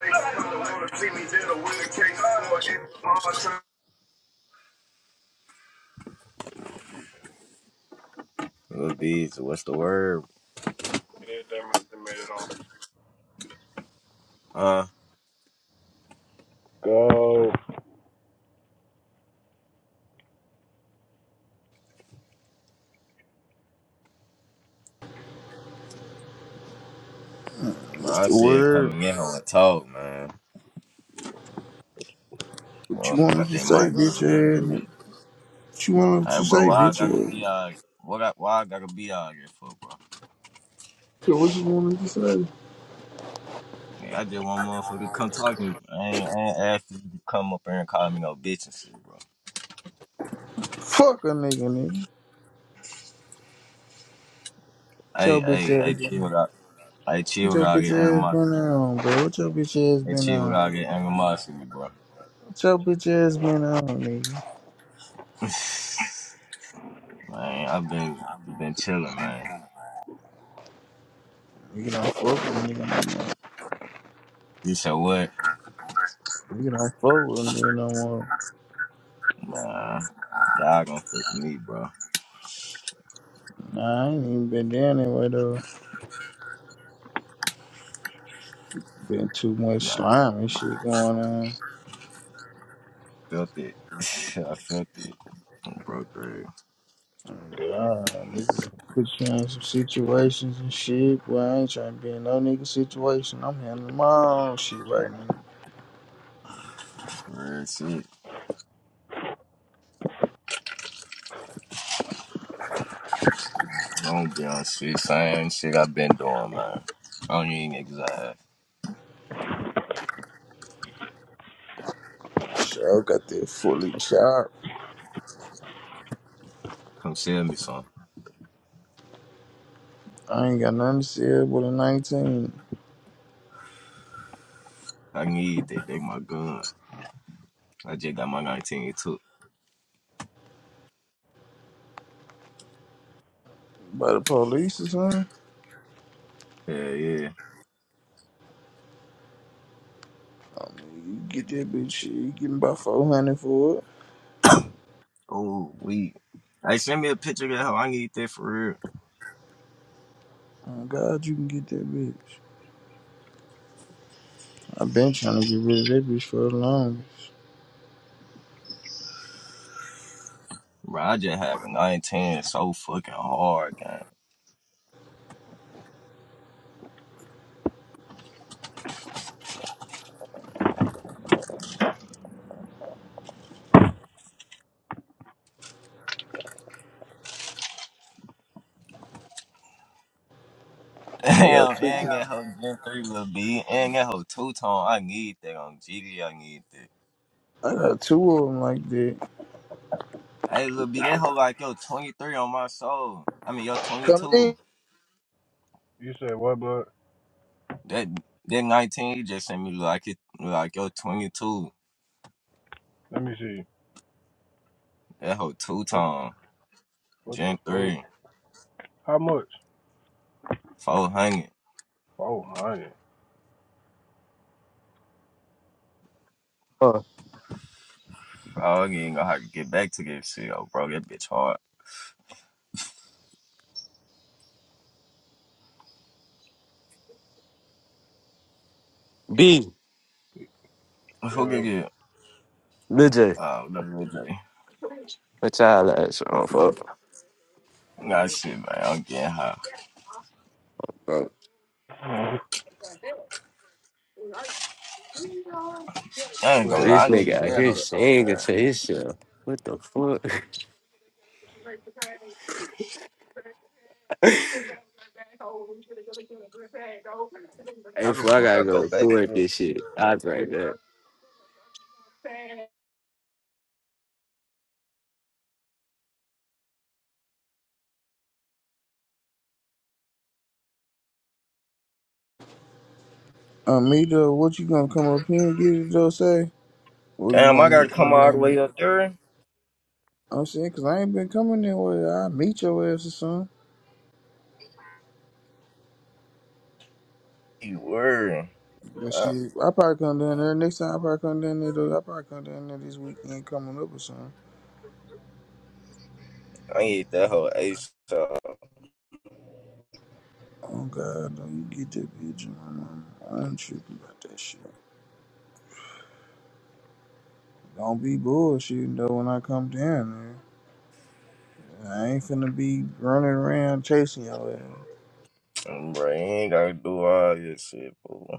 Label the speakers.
Speaker 1: What's
Speaker 2: What bees? What's the word?
Speaker 3: It is that off.
Speaker 2: Uh,
Speaker 3: Go.
Speaker 2: man, I
Speaker 1: the
Speaker 2: see it
Speaker 1: word?
Speaker 2: coming in on a talk, man.
Speaker 1: What you
Speaker 2: Motherfucker
Speaker 1: want us
Speaker 2: got
Speaker 1: to
Speaker 2: that
Speaker 1: say,
Speaker 2: mic
Speaker 1: bitch
Speaker 2: moving around,
Speaker 1: ass nigga?
Speaker 2: Drew.
Speaker 1: What you want us
Speaker 2: Hey,
Speaker 1: to
Speaker 2: bro,
Speaker 1: say,
Speaker 2: why I
Speaker 1: bitch
Speaker 2: gotta be
Speaker 1: ass?
Speaker 2: out here? What I, why I gotta be out here for, bro?
Speaker 1: So what you want us to say?
Speaker 2: Man, I just want motherfucker to come talk to me. I ain't, I ain't asked you to come up here and call me no bitch and shit, bro.
Speaker 1: Fuck a nigga, nigga. What
Speaker 2: Hey,
Speaker 1: your bitch
Speaker 2: hey, hey,
Speaker 1: ass been
Speaker 2: chill
Speaker 1: on?
Speaker 2: without, hey,
Speaker 1: What
Speaker 2: chill
Speaker 1: your
Speaker 2: without
Speaker 1: bitch
Speaker 2: getting
Speaker 1: ass been
Speaker 2: animosity.
Speaker 1: on, bro? What your bitch ass
Speaker 2: Hey,
Speaker 1: been
Speaker 2: chill without
Speaker 1: on?
Speaker 2: getting animosity, bro.
Speaker 1: What your bitch ass been on, nigga?
Speaker 2: Man, I've been, been chilling, man.
Speaker 1: Nigga don't fuck with a nigga no more.
Speaker 2: You said what?
Speaker 1: Nigga don't fuck with a nigga no more.
Speaker 2: Nah, y'all gonna fuck me, bro.
Speaker 1: Nah, I ain't even been down that way, though. Been too much
Speaker 2: Man,
Speaker 1: slime and shit going on.
Speaker 2: felt it. I felt it. I'm broke, bro.
Speaker 1: God, niggas put you in some situations and shit. Boy, I ain't trying to be in no nigga situation. I'm handling my own shit right now.
Speaker 2: Real shit. Don't be on shit. Same shit I've been doing, man. I don't even exile.
Speaker 1: Sure, got that fully chopped.
Speaker 2: Come sell me some.
Speaker 1: I ain't got nothing to say but a 19
Speaker 2: I need that. They my gun. I just got my 19 too.
Speaker 1: by the police or something.
Speaker 2: Yeah, yeah.
Speaker 1: I mean, you get that bitch shit, you getting about 400 for it.
Speaker 2: Oh, we. Hey, send me a picture of that hoe. I need that for real.
Speaker 1: Oh, God, you can get that bitch. I've been trying to get rid of that bitch for the longest.
Speaker 2: Bro, I just had a 19 so fucking hard, gang.
Speaker 1: I got
Speaker 2: Damn,
Speaker 1: two.
Speaker 2: and that hoe Gen 3 will be. And that hoe two tone. I need that on GD. I need that.
Speaker 1: I got two of them like that.
Speaker 2: Hey, little B, that hoe like yo 23 on my soul. I mean, yo
Speaker 1: Come
Speaker 2: 22.
Speaker 1: in.
Speaker 3: You said what, bud?
Speaker 2: That that 19 you just sent me look like it look like yo 22.
Speaker 3: Let me see.
Speaker 2: That hoe two
Speaker 3: What,
Speaker 2: tone.
Speaker 3: what the
Speaker 2: Gen
Speaker 3: fuck?
Speaker 2: 3.
Speaker 3: How much?
Speaker 2: 400.
Speaker 3: 400.
Speaker 4: Uh,
Speaker 2: I ain't gonna have to get back to this shit, yo, bro. That bitch hard.
Speaker 4: B,
Speaker 2: Who can
Speaker 3: Yo,
Speaker 2: get
Speaker 4: Lil J.
Speaker 2: uh WJ?
Speaker 4: What y'all like? So, fuck.
Speaker 2: Nah shit, man. I'm getting high.
Speaker 4: Bro,
Speaker 2: I ain't gonna
Speaker 3: where
Speaker 2: lie,
Speaker 4: this
Speaker 3: that
Speaker 2: I
Speaker 3: goes?
Speaker 2: need
Speaker 4: nigga out
Speaker 2: that hoe
Speaker 4: here
Speaker 3: yeah,
Speaker 2: so
Speaker 4: singing
Speaker 2: bad.
Speaker 4: to himself. What the fuck? Hey,
Speaker 2: How the
Speaker 4: fuck, I
Speaker 2: fuck
Speaker 4: gotta
Speaker 2: I
Speaker 4: go
Speaker 2: go back
Speaker 4: record
Speaker 2: to it?
Speaker 4: this shit. I'll be right back.
Speaker 1: Amita, what you gonna come up here and get it, though, say? Or you
Speaker 2: Damn, I
Speaker 1: gonna be
Speaker 2: gotta come
Speaker 1: come
Speaker 2: all the
Speaker 1: down
Speaker 2: way
Speaker 1: there?
Speaker 2: up there.
Speaker 1: I'm saying, cause I ain't been coming there where I meet your ass or something.
Speaker 2: You worry.
Speaker 1: But
Speaker 2: I,
Speaker 1: shit, I probably come down there next time. I probably come down there though. I probably come down there this weekend coming up or something.
Speaker 2: I need that hoe ASAP.
Speaker 1: Oh God, don't you get that bitch in my mama. I ain't tripping about that shit. Don't be bullshitting though when I come down there. I ain't finna be running around chasing your ass.
Speaker 2: Bro, you ain't gotta do all this shit, fool.